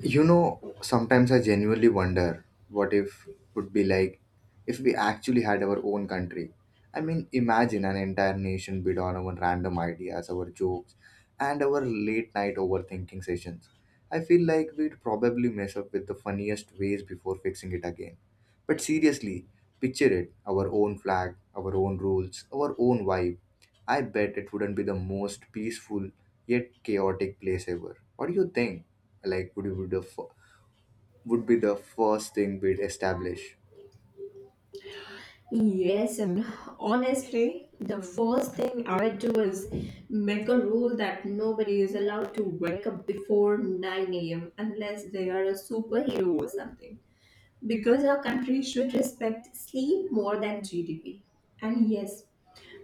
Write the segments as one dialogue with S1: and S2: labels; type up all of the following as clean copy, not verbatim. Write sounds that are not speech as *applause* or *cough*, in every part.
S1: You know, sometimes I genuinely wonder what if would be like if we actually had our own country. I mean, imagine an entire nation built on our random ideas, our jokes, and our late night overthinking sessions. I feel like we'd probably mess up with the funniest ways before fixing it again. But seriously, picture it our own flag, our own rules, our own vibe. I bet it wouldn't be the most peaceful yet chaotic place ever. What do you think? Like, would you would the f- would be the first thing we'd establish?
S2: Yes, and honestly, the first thing I would do is make a rule that nobody is allowed to wake up before 9 a.m. unless they are a superhero or something because our country should respect sleep more than GDP. And yes,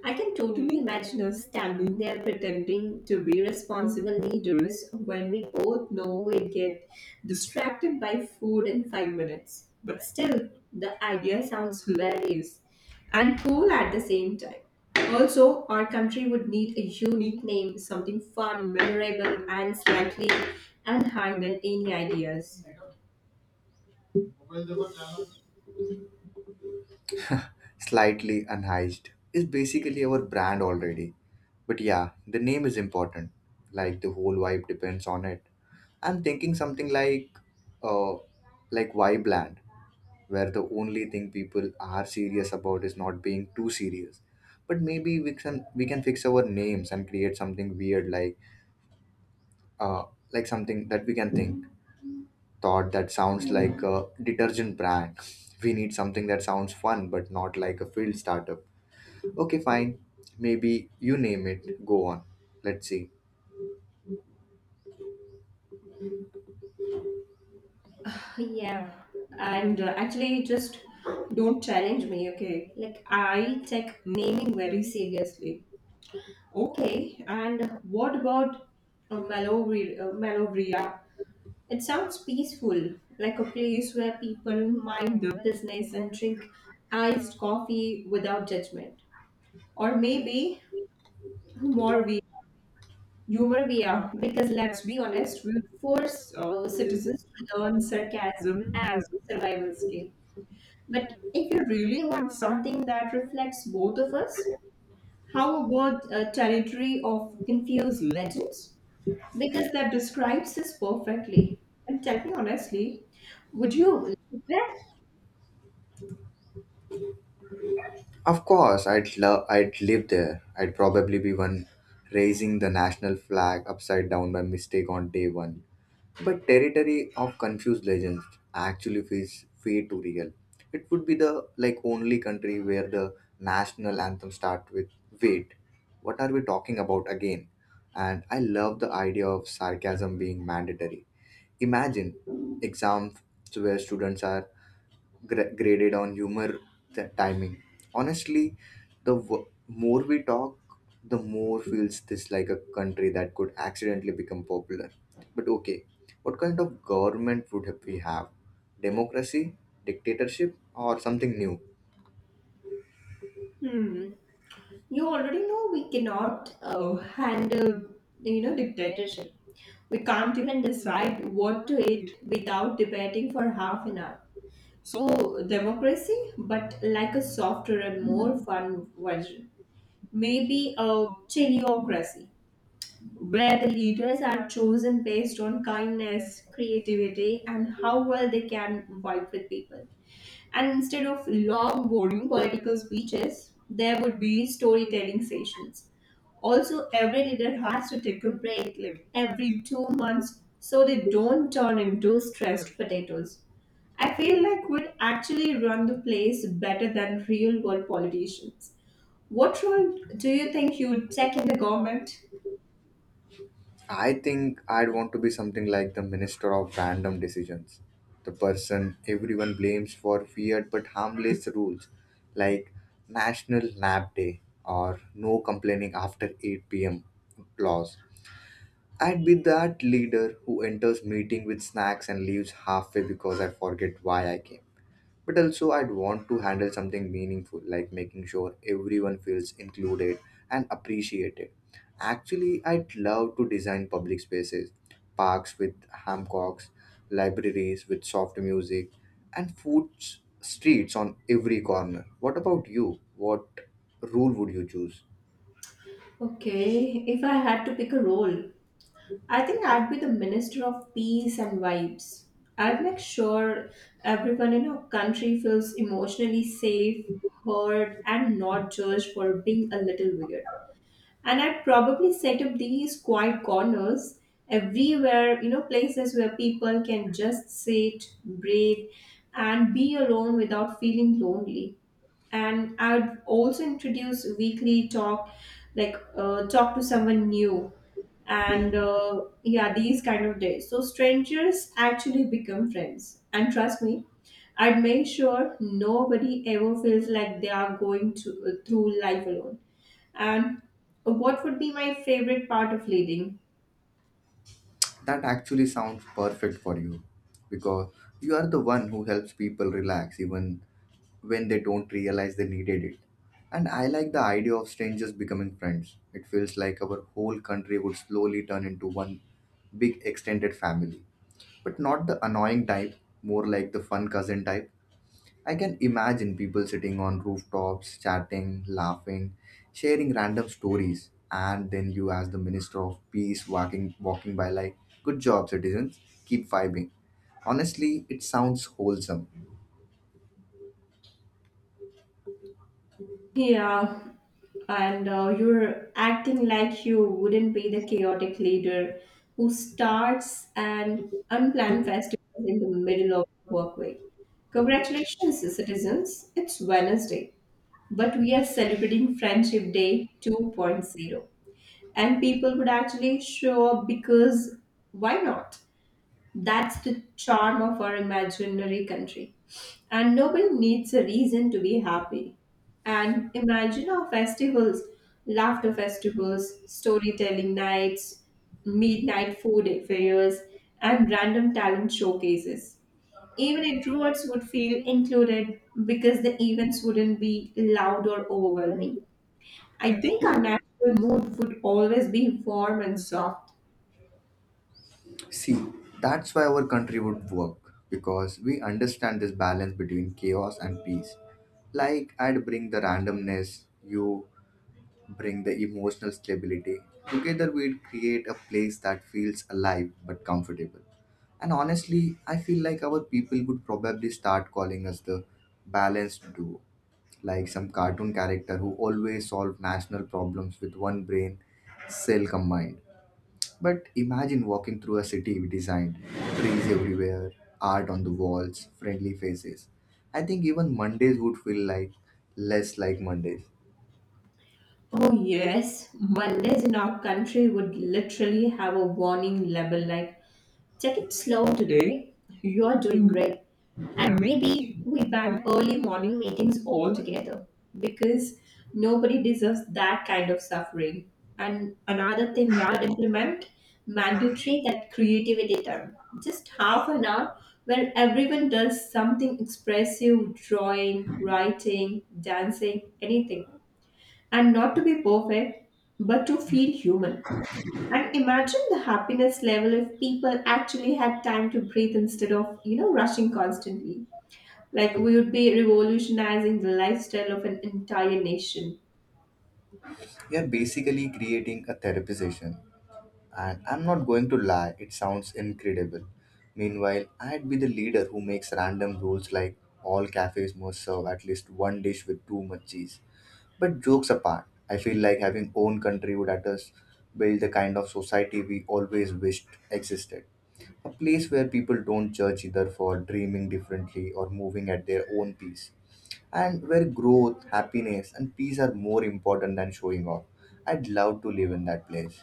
S2: I can totally imagine us standing there pretending to be responsible leaders when we both know we get distracted by food in 5 minutes. But still, the idea sounds hilarious and cool at the same time. Also, our country would need a unique name, something fun, memorable, and slightly unhinged than any ideas.
S1: Slightly unhinged is basically our brand already. But yeah, the name is important. Like the whole vibe depends on it. I'm thinking something uh, like Vibeland, where the only thing people are serious about is not being too serious. But maybe we can fix our names and create something weird uh, like something that we can think thought that sounds like a detergent brand. We need something that sounds fun but not like a field startup. Okay, fine. Maybe you name it, go on, let's see.
S2: Yeah, and actually, just don't challenge me, okay? Like, I take naming very seriously. Okay, and what about Malovria? It sounds peaceful, like a place where people mind their business and drink iced coffee without judgment. Or maybe Humorvia, Humorvia, because let's be honest, we force citizens to learn sarcasm as a survival skill. But if you really want something that reflects both of us, how about a territory of confused legends? Because that describes us perfectly. And tell me honestly, would you live there?
S1: Of course I'd live there. I'd probably be one raising the national flag upside down by mistake on day one. But territory of confused legends actually feels way too real. It would be the like only country where the national anthem start with, wait, what are we talking about again? And I love the idea of sarcasm being mandatory. Imagine exams where students are graded on humor, the timing, honestly, the w- more we talk, the more feels this like a country that could accidentally become popular. But okay, what kind of government would we have? Democracy, dictatorship, or something new?
S2: Hmm. You already know we cannot handle, dictatorship. We can't even decide what to eat without debating for half an hour. So democracy, but like a softer and more fun version. Maybe a teleocracy where the leaders are chosen based on kindness, creativity, and how well they can vibe with people. And instead of long, boring political speeches, there would be storytelling sessions. Also, every leader has to take a break like every 2 months so they don't turn into stressed potatoes. I feel like would actually run the place better than real world politicians. What role do you think you would take in the government?
S1: I think I'd want to be something like the minister of random decisions, the person everyone blames for weird but harmless rules, like National Nap Day or no complaining after 8 p.m. laws. I'd be that leader who enters meeting with snacks and leaves halfway because I forget why I came, but also I'd want to handle something meaningful, like making sure everyone feels included and appreciated. Actually, I'd love to design public spaces, parks with hammocks, libraries with soft music, and food streets on every corner. What about you? What rule would you choose?
S2: Okay, if I had to pick a role, I think I'd be the Minister of Peace and Vibes. I'd make sure everyone in our country feels emotionally safe, heard, and not judged for being a little weird. And I'd probably set up these quiet corners everywhere, you know, places where people can just sit, breathe, and be alone without feeling lonely. And I would also introduce weekly talk like talk to someone new and yeah, these kind of days so strangers actually become friends, and trust me, I'd make sure nobody ever feels like they are going to, through life alone. And what would be my favorite part of leading?
S1: That actually sounds perfect for you because you are the one who helps people relax even when they don't realize they needed it. And I like the idea of strangers becoming friends. It feels like our whole country would slowly turn into one big extended family. But not the annoying type, more like the fun cousin type. I can imagine people sitting on rooftops, chatting, laughing, sharing random stories, and then you as the Minister of Peace walking by like, good job citizens, keep vibing. Honestly, it sounds wholesome.
S2: Yeah, and you're acting like you wouldn't be the chaotic leader who starts an unplanned festival in the middle of the workway. Congratulations, citizens. It's Wednesday, but we are celebrating Friendship Day 2.0. And people would actually show up because why not? That's the charm of our imaginary country. And nobody needs a reason to be happy. And imagine our festivals, laughter festivals, storytelling nights, midnight food fairs, and random talent showcases. Even introverts would feel included because the events wouldn't be loud or overwhelming. I think our natural mood would always be warm and soft.
S1: See, that's why our country would work because we understand this balance between chaos and peace. Like, I'd bring the randomness, you bring the emotional stability. Together, we'd create a place that feels alive but comfortable. And honestly, I feel like our people would probably start calling us the balanced duo, like some cartoon character who always solve national problems with one brain cell combined. But imagine walking through a city we designed, trees everywhere, art on the walls, friendly faces. I think even Mondays would feel like less like Mondays.
S2: Oh, yes. Mondays in our country would literally have a warning label like, take it slow today, you're doing great. And maybe we ban early morning meetings altogether because nobody deserves that kind of suffering. And another thing we would implement, mandatory that creativity time. Just half an hour where everyone does something expressive, drawing, writing, dancing, anything, and not to be perfect, but to feel human. And imagine the happiness level if people actually had time to breathe instead of, you know, rushing constantly. Like we would be revolutionizing the lifestyle of an entire nation.
S1: We are basically creating a therapy session, and I'm not going to lie, it sounds incredible. Meanwhile, I'd be the leader who makes random rules like all cafes must serve at least one dish with too much cheese. But jokes apart, I feel like having own country would at us build the kind of society we always wished existed. A place where people don't judge either for dreaming differently or moving at their own pace, and where growth, happiness, and peace are more important than showing off. I'd love to live in that place.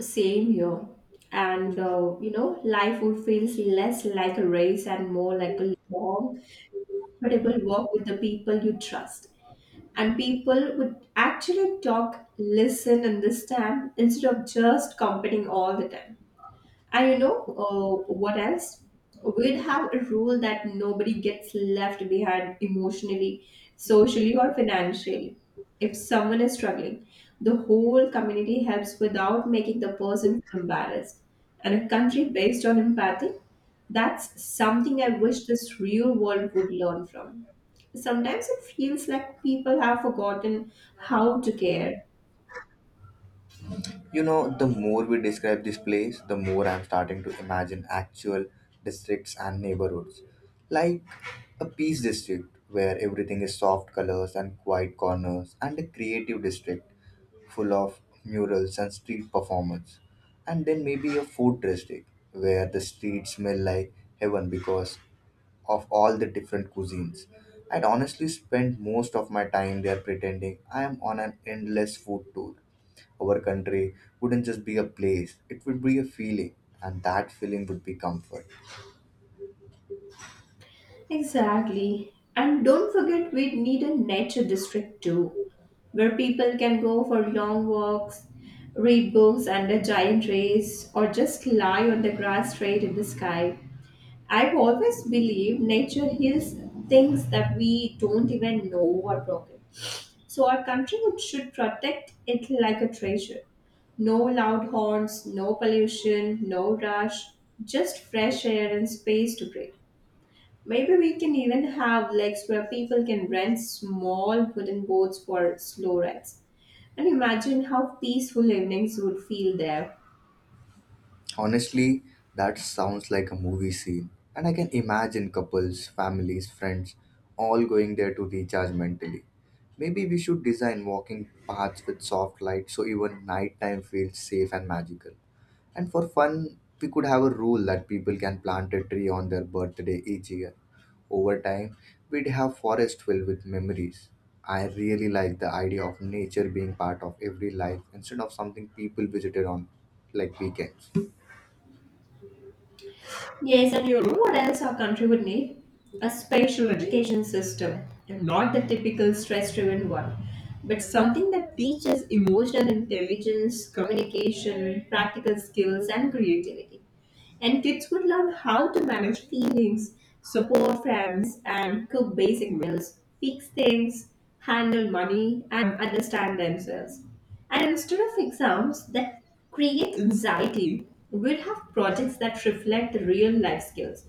S2: Same here. And, you know, life would feel less like a race and more like a long, comfortable walk with the people you trust. And people would actually talk, listen, understand instead of just competing all the time. And you know, what else? We'd have a rule that nobody gets left behind emotionally, socially, or financially. If someone is struggling, the whole community helps without making the person feel embarrassed. And a country based on empathy, that's something I wish this real world would learn from. Sometimes it feels like people have forgotten how to care.
S1: You know, the more we describe this place, the more I'm starting to imagine actual districts and neighborhoods. Like a peace district where everything is soft colors and quiet corners, and a creative district full of murals and street performers, and then maybe a food district where the streets smell like heaven because of all the different cuisines. I'd honestly spend most of my time there pretending I am on an endless food tour. Our country wouldn't just be a place, it would be a feeling, and that feeling would be comfort.
S2: Exactly. And don't forget, we need a nature district too, where people can go for long walks, read books under giant rays, or just lie on the grass straight in the sky. I've always believed nature heals things that we don't even know are broken. So our country should protect it like a treasure. No loud horns, no pollution, no rush, just fresh air and space to breathe. Maybe we can even have legs where people can rent small wooden boats for slow rides. And imagine how peaceful evenings would feel there.
S1: Honestly, that sounds like a movie scene, and I can imagine couples, families, friends all going there to recharge mentally. Maybe we should design walking paths with soft light so even nighttime feels safe and magical. And for fun, we could have a rule that people can plant a tree on their birthday each year. Over time, we'd have forests filled with memories. I really like the idea of nature being part of every life instead of something people visited on like weekends.
S2: Yes, and you know what else our country would need? A special education system. And not the typical stress driven one, but something that teaches emotional intelligence, communication, practical skills, and creativity. And kids would learn how to manage feelings, support friends, and cook basic meals, fix things, handle money, and understand themselves. And instead of exams that create anxiety, we'd have projects that reflect the real life skills.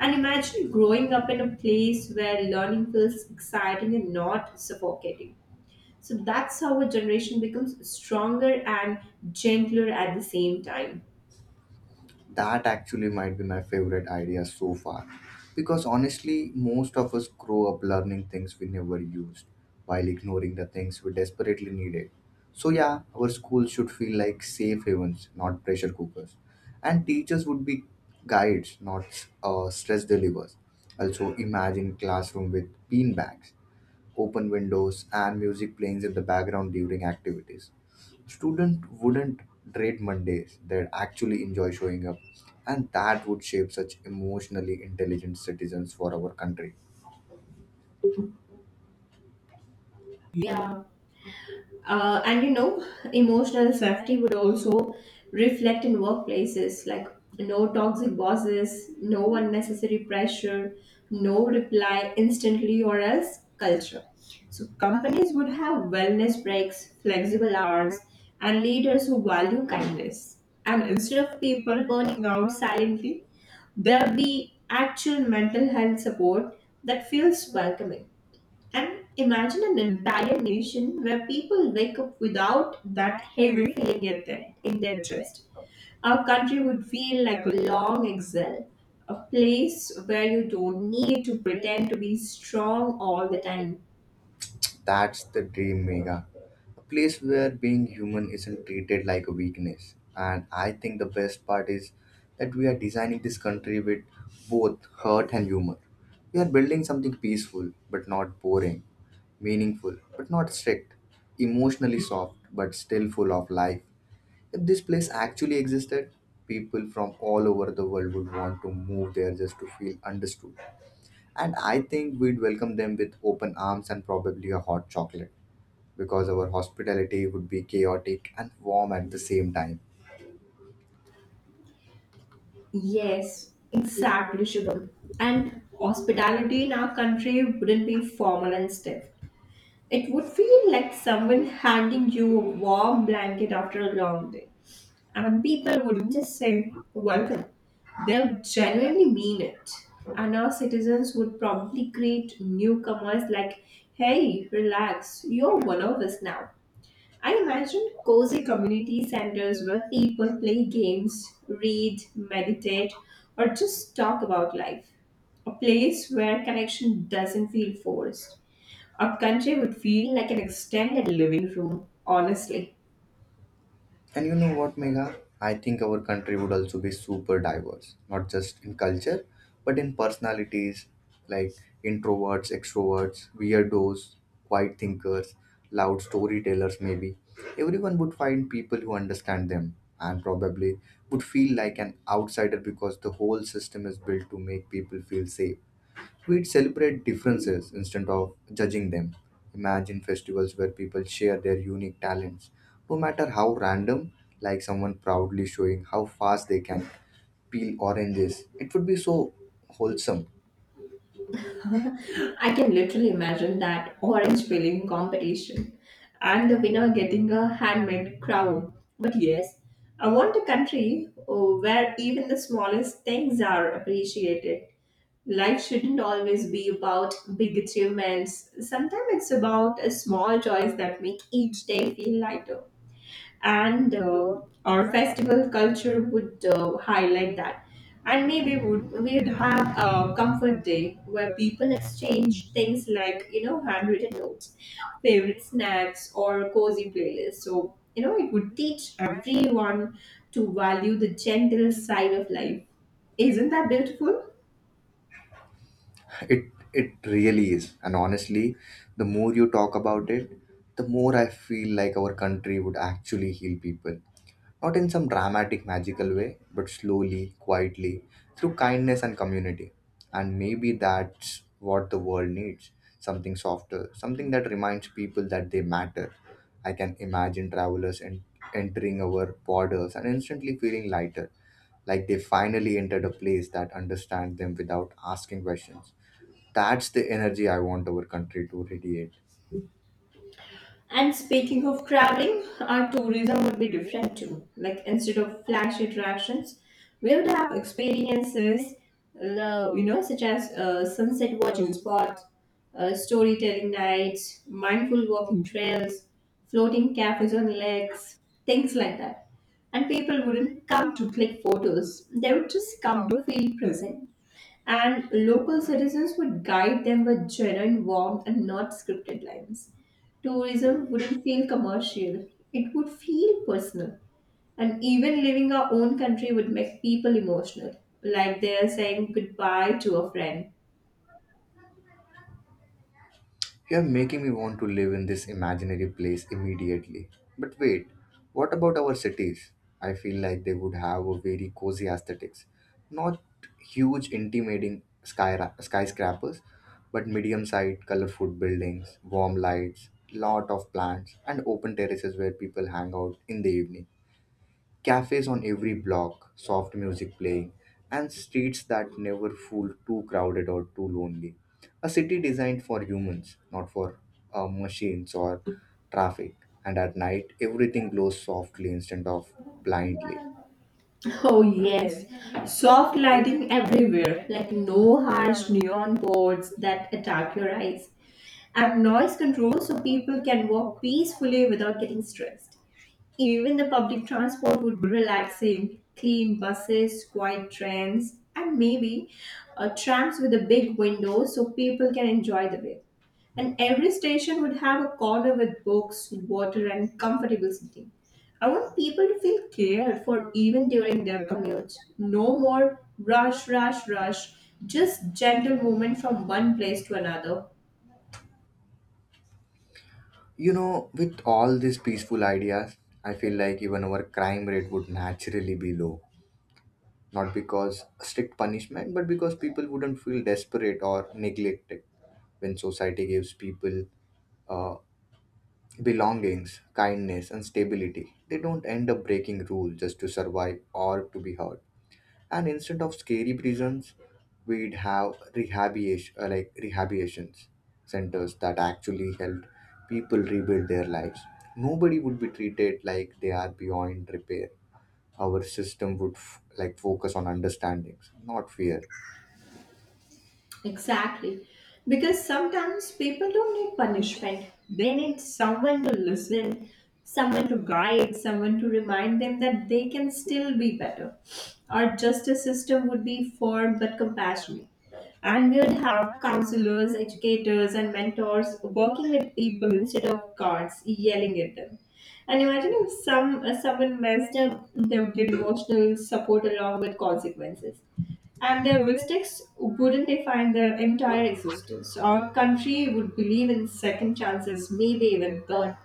S2: And imagine growing up in a place where learning feels exciting and not suffocating. So that's how a generation becomes stronger and gentler at the same time.
S1: That actually might be my favorite idea so far. Because honestly, most of us grow up learning things we never used while ignoring the things we desperately needed. So, yeah, our schools should feel like safe havens, not pressure cookers. And teachers would be guides, not stress delivers. Also, imagine classroom with bean bags, open windows, and music playing in the background during activities. Students wouldn't dread Mondays, they'd actually enjoy showing up, and that would shape such emotionally intelligent citizens for our country.
S2: Yeah. And you know, emotional safety would also reflect in workplaces like no toxic bosses, no unnecessary pressure, no reply instantly or else culture. So, companies would have wellness breaks, flexible hours, and leaders who value kindness. And instead of people burning out silently, there'll be actual mental health support that feels welcoming. And imagine an entire nation where people wake up without that heavy feeling in in their chest. Our country would feel like a long exhale, a place where you don't need to pretend to be strong all the time.
S1: That's the dream, Mega. A place where being human isn't treated like a weakness. And I think the best part is that we are designing this country with both heart and humor. We are building something peaceful but not boring, meaningful but not strict, emotionally soft but still full of life. If this place actually existed, people from all over the world would want to move there just to feel understood. And I think we'd welcome them with open arms and probably a hot chocolate because our hospitality would be chaotic and warm at the same time.
S2: Yes, exactly, Shubham. And hospitality in our country wouldn't be formal and stiff. It would feel like someone handing you a warm blanket after a long day. And people wouldn't just say welcome, they'll genuinely mean it. And our citizens would probably greet newcomers like, hey, relax, you're one of us now. I imagine cozy community centers where people play games, read, meditate, or just talk about life. A place where connection doesn't feel forced. Our country would feel like an extended living room, honestly.
S1: And you know what, Megha? I think our country would also be super diverse, not just in culture, but in personalities like introverts, extroverts, weirdos, quiet thinkers, loud storytellers, maybe. Everyone would find people who understand them and probably would feel like an outsider because the whole system is built to make people feel safe. We'd celebrate differences instead of judging them. Imagine festivals where people share their unique talents, no matter how random, like someone proudly showing how fast they can peel oranges. It would be so wholesome.
S2: *laughs* I can literally imagine that orange peeling competition and the winner getting a handmade crown. But yes, I want a country, oh, where even the smallest things are appreciated. Life shouldn't always be about big achievements. Sometimes it's about a small joys that make each day feel lighter, and our festival culture would highlight that. And maybe would we'd have a comfort day where people exchange things like, you know, handwritten notes, favorite snacks, or cozy playlists. So, you know, it would teach everyone to value the gentle side of life. Isn't that beautiful?
S1: *laughs* It it really is. And honestly, the more you talk about it, the more I feel like our country would actually heal people. Not in some dramatic, magical way, but slowly, quietly, through kindness and community. And maybe that's what the world needs, something softer, something that reminds people that they matter. I can imagine entering our borders and instantly feeling lighter, like they finally entered a place that understands them without asking questions. That's the energy I want our country to radiate.
S2: And speaking of traveling, our tourism would be different too. Like instead of flash attractions, we would have experiences, you know, such as sunset watching spots, storytelling nights, mindful walking trails, floating cafes on lakes, things like that. And people wouldn't come to click photos; they would just come to feel present, and local citizens would guide them with genuine warmth and not scripted lines. Tourism wouldn't feel commercial, it would feel personal. And even leaving our own country would make people emotional, like they are saying goodbye to a friend.
S1: You're making me want to live in this imaginary place immediately. But wait, what about our cities? I feel like they would have a very cozy aesthetics. Not huge, intimidating skyscrapers, but medium sized, colorful buildings, warm lights, lot of plants, and open terraces where people hang out in the evening, cafes on every block, soft music playing, and streets that never feel too crowded or too lonely. A city designed for humans, not for machines or traffic. And at night, everything glows softly instead of blindly.
S2: *laughs* Oh, yes, soft lighting everywhere, like no harsh neon boards that attack your eyes, and noise control so people can walk peacefully without getting stressed. Even the public transport would be relaxing. Clean buses, quiet trains, and maybe trams with a big window so people can enjoy the view. And every station would have a corner with books, water, and comfortable seating. I want people to feel cared for even during their commutes. No more rush, rush, rush. Just gentle movement from one place to another.
S1: You know, with all these peaceful ideas, I feel like even our crime rate would naturally be low. Not because strict punishment, but because people wouldn't feel desperate or neglected when society gives people uh, belongings, kindness, and stability. They don't end up breaking rules just to survive or to be heard. And instead of scary prisons, we'd have rehabilitations centers that actually help people rebuild their lives. Nobody would be treated like they are beyond repair. Our system would focus on understandings, not fear.
S2: Exactly. Because sometimes people don't need punishment. They need someone to listen, someone to guide, someone to remind them that they can still be better. Our justice system would be firm but compassionate. And we would have counselors, educators, and mentors working with people instead of guards yelling at them. And imagine if someone messed up, they would get emotional support along with consequences. And their mistakes wouldn't define their entire existence. Our country would believe in second chances, maybe even God.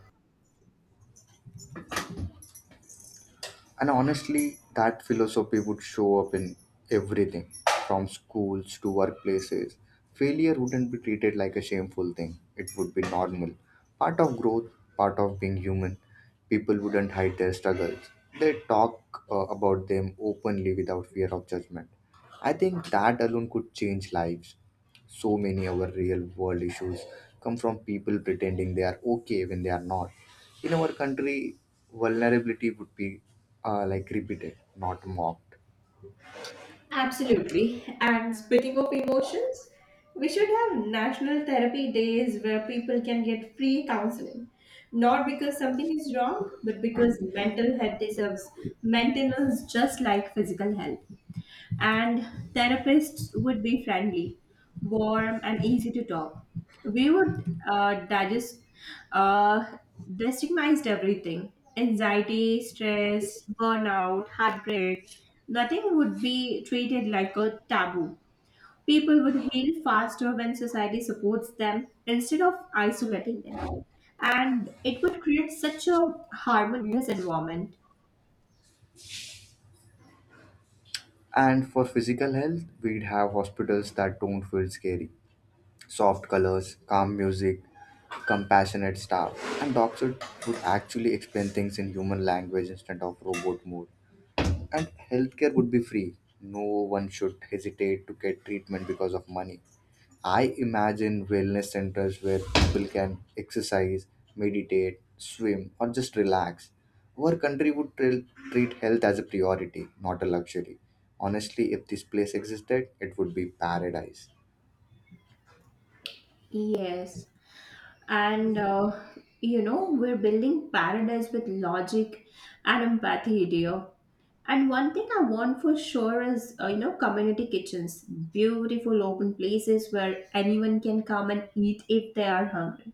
S1: And honestly, that philosophy would show up in everything from schools to workplaces. Failure wouldn't be treated like a shameful thing, it would be normal. Part of growth, part of being human. People wouldn't hide their struggles, they talk about them openly without fear of judgment. I think that alone could change lives. So many of our real world issues come from people pretending they are okay when they are not. In our country, vulnerability would be repeated, not mocked.
S2: Absolutely. And speaking of emotions, we should have national therapy days where people can get free counseling. Not because something is wrong, but because mental health deserves maintenance just like physical health. And therapists would be friendly, warm, and easy to talk. We would uh, digest, uh, destigmatized everything, anxiety, stress, burnout, heartbreak. Nothing would be treated like a taboo. People would heal faster when society supports them instead of isolating them. And it would create such a harmonious environment.
S1: And for physical health, we'd have hospitals that don't feel scary. Soft colors, calm music, compassionate staff, and doctors would actually explain things in human language instead of robot mode. And healthcare would be free. No one should hesitate to get treatment because of money. I imagine wellness centers where people can exercise, meditate, swim, or just relax. Our country would treat health as a priority, not a luxury. Honestly, if this place existed, it would be paradise.
S2: Yes. and We're building paradise with logic and empathy, dear. And one thing I want for sure is community kitchens, beautiful open places where anyone can come and eat if they are hungry.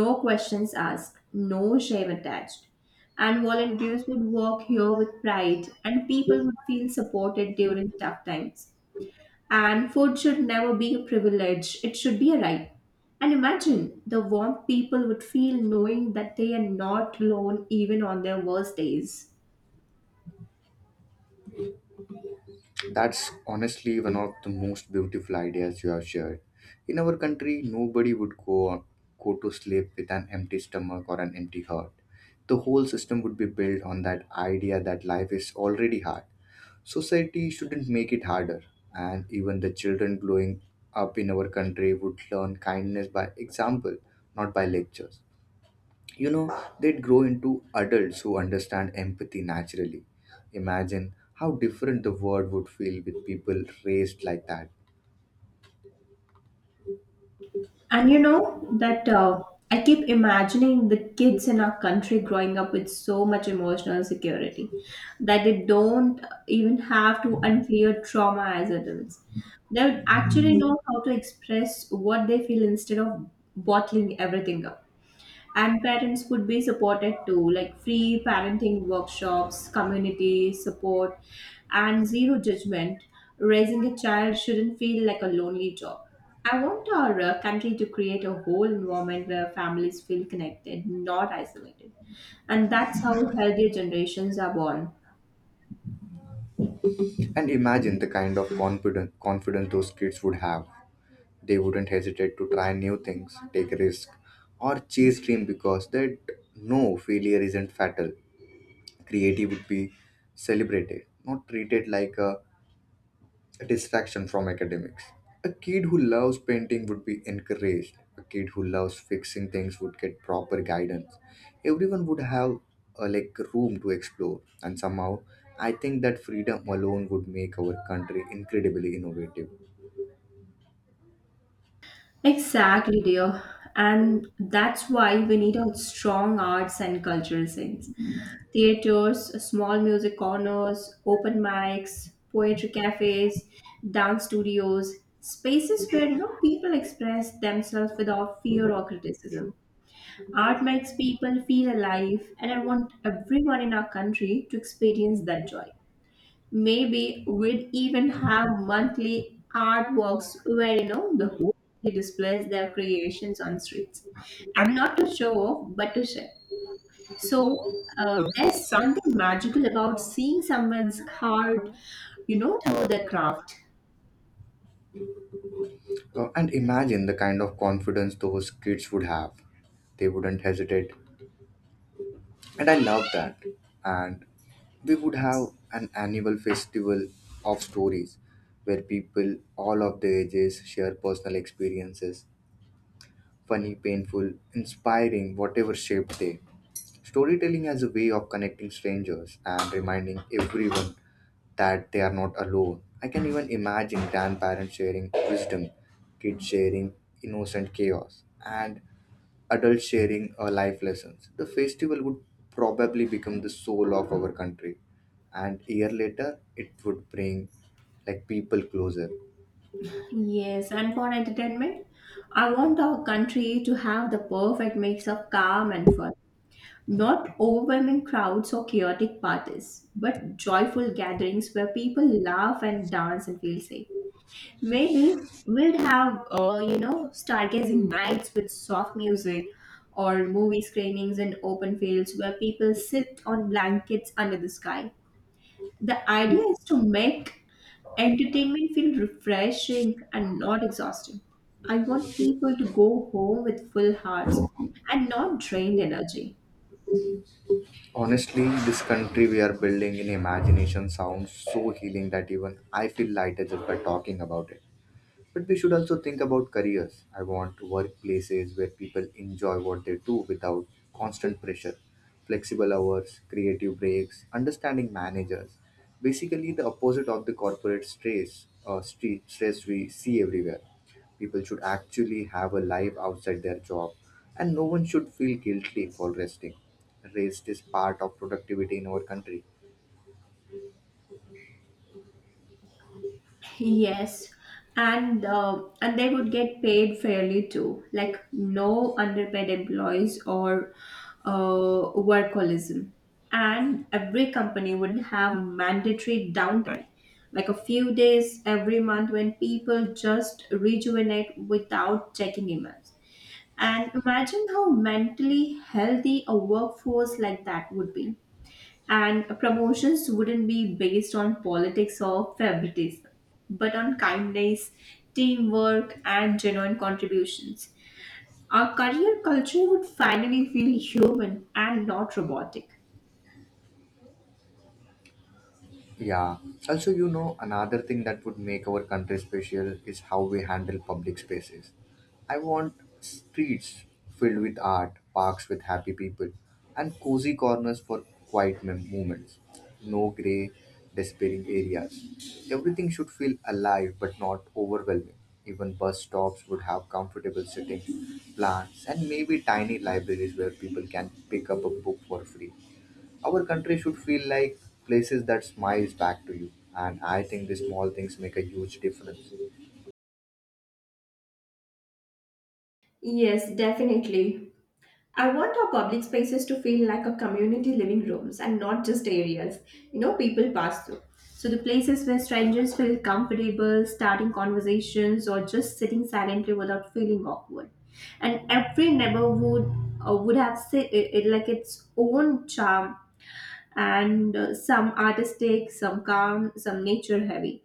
S2: No questions asked, no shame attached. And volunteers would work here with pride, and people would feel supported during tough times. And food should never be a privilege, it should be a right. And imagine the warmth people would feel knowing that they are not alone even on their worst days.
S1: That's honestly one of the most beautiful ideas you have shared. In our country, nobody would go to sleep with an empty stomach or an empty heart. The whole system would be built on that idea that life is already hard. Society shouldn't make it harder, and even the children growing up in our country would learn kindness by example, not by lectures. You know, they'd grow into adults who understand empathy naturally. Imagine how different the world would feel with people raised like that.
S2: And you know that I keep imagining the kids in our country growing up with so much emotional security that they don't even have to unclear trauma as adults. They would actually know how to express what they feel instead of bottling everything up. And parents could be supported too, like free parenting workshops, community support, and zero judgment. Raising a child shouldn't feel like a lonely job. I want our country to create a whole environment where families feel connected, not isolated. And that's how healthier generations are born.
S1: And imagine the kind of confidence those kids would have. They wouldn't hesitate to try new things, take risks, or chase dream because they know failure isn't fatal. Creative would be celebrated, not treated like a distraction from academics. A kid who loves painting would be encouraged. A kid who loves fixing things would get proper guidance. Everyone would have room to explore, and somehow, I think that freedom alone would make our country incredibly innovative.
S2: Exactly, dear. And that's why we need a strong arts and cultural sense. Theaters, small music corners, open mics, poetry cafes, dance studios, spaces where people express themselves without fear or criticism. Art makes people feel alive, and I want everyone in our country to experience that joy. Maybe we'd even have monthly art walks where the whole city displays their creations on streets. And not to show off, but to share. There's something magical about seeing someone's hard, through their craft.
S1: And imagine the kind of confidence those kids would have. They wouldn't hesitate, and I love that. And we would have an annual festival of stories where people all of the ages share personal experiences, funny, painful, inspiring, whatever shape they, storytelling as a way of connecting strangers and reminding everyone that they are not alone. I can even imagine grandparents sharing wisdom, kids sharing innocent chaos, and adults sharing life lessons. The festival would probably become the soul of our country, and a year later, it would bring like people closer.
S2: Yes, and for entertainment, I want our country to have the perfect mix of calm and fun. Not overwhelming crowds or chaotic parties, but joyful gatherings where people laugh and dance and feel safe. Maybe we'd have, stargazing nights with soft music or movie screenings in open fields where people sit on blankets under the sky. The idea is to make entertainment feel refreshing and not exhausting. I want people to go home with full hearts and not drained energy.
S1: Honestly, this country we are building in imagination sounds so healing that even I feel lighter just by talking about it. But we should also think about careers. I want workplaces where people enjoy what they do without constant pressure. Flexible hours, creative breaks, understanding managers. Basically, the opposite of the corporate stress we see everywhere. People should actually have a life outside their job, and no one should feel guilty for resting. Rest is part of productivity in our country.
S2: Yes, and they would get paid fairly too, like no underpaid employees or workaholism. And every company would have mandatory downtime, like a few days every month when people just rejuvenate without checking emails. And imagine how mentally healthy a workforce like that would be. And promotions wouldn't be based on politics or favoritism, but on kindness, teamwork, and genuine contributions. Our career culture would finally feel human and not robotic.
S1: Yeah. Also, you know, another thing that would make our country special is how we handle public spaces. I want streets filled with art, parks with happy people, and cozy corners for quiet moments. No grey, despairing areas. Everything should feel alive but not overwhelming. Even bus stops would have comfortable sitting, plants, and maybe tiny libraries where people can pick up a book for free. Our country should feel like places that smiles back to you. And I think the small things make a huge difference.
S2: Yes, definitely. I want our public spaces to feel like a community living rooms and not just areas, people pass through. So the places where strangers feel comfortable starting conversations or just sitting silently without feeling awkward. And every neighborhood would have say, like its own charm and some artistic, some calm, some nature heavy.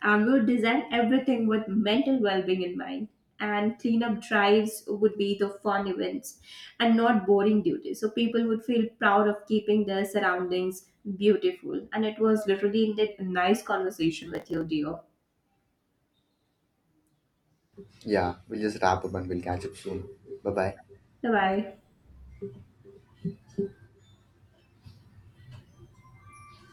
S2: And we would design everything with mental well being in mind. And cleanup drives would be the fun events and not boring duties. So people would feel proud of keeping their surroundings beautiful. And it was literally a nice conversation with you, dear.
S1: Yeah, we'll just wrap up and we'll catch up soon. Bye bye.
S2: Bye bye.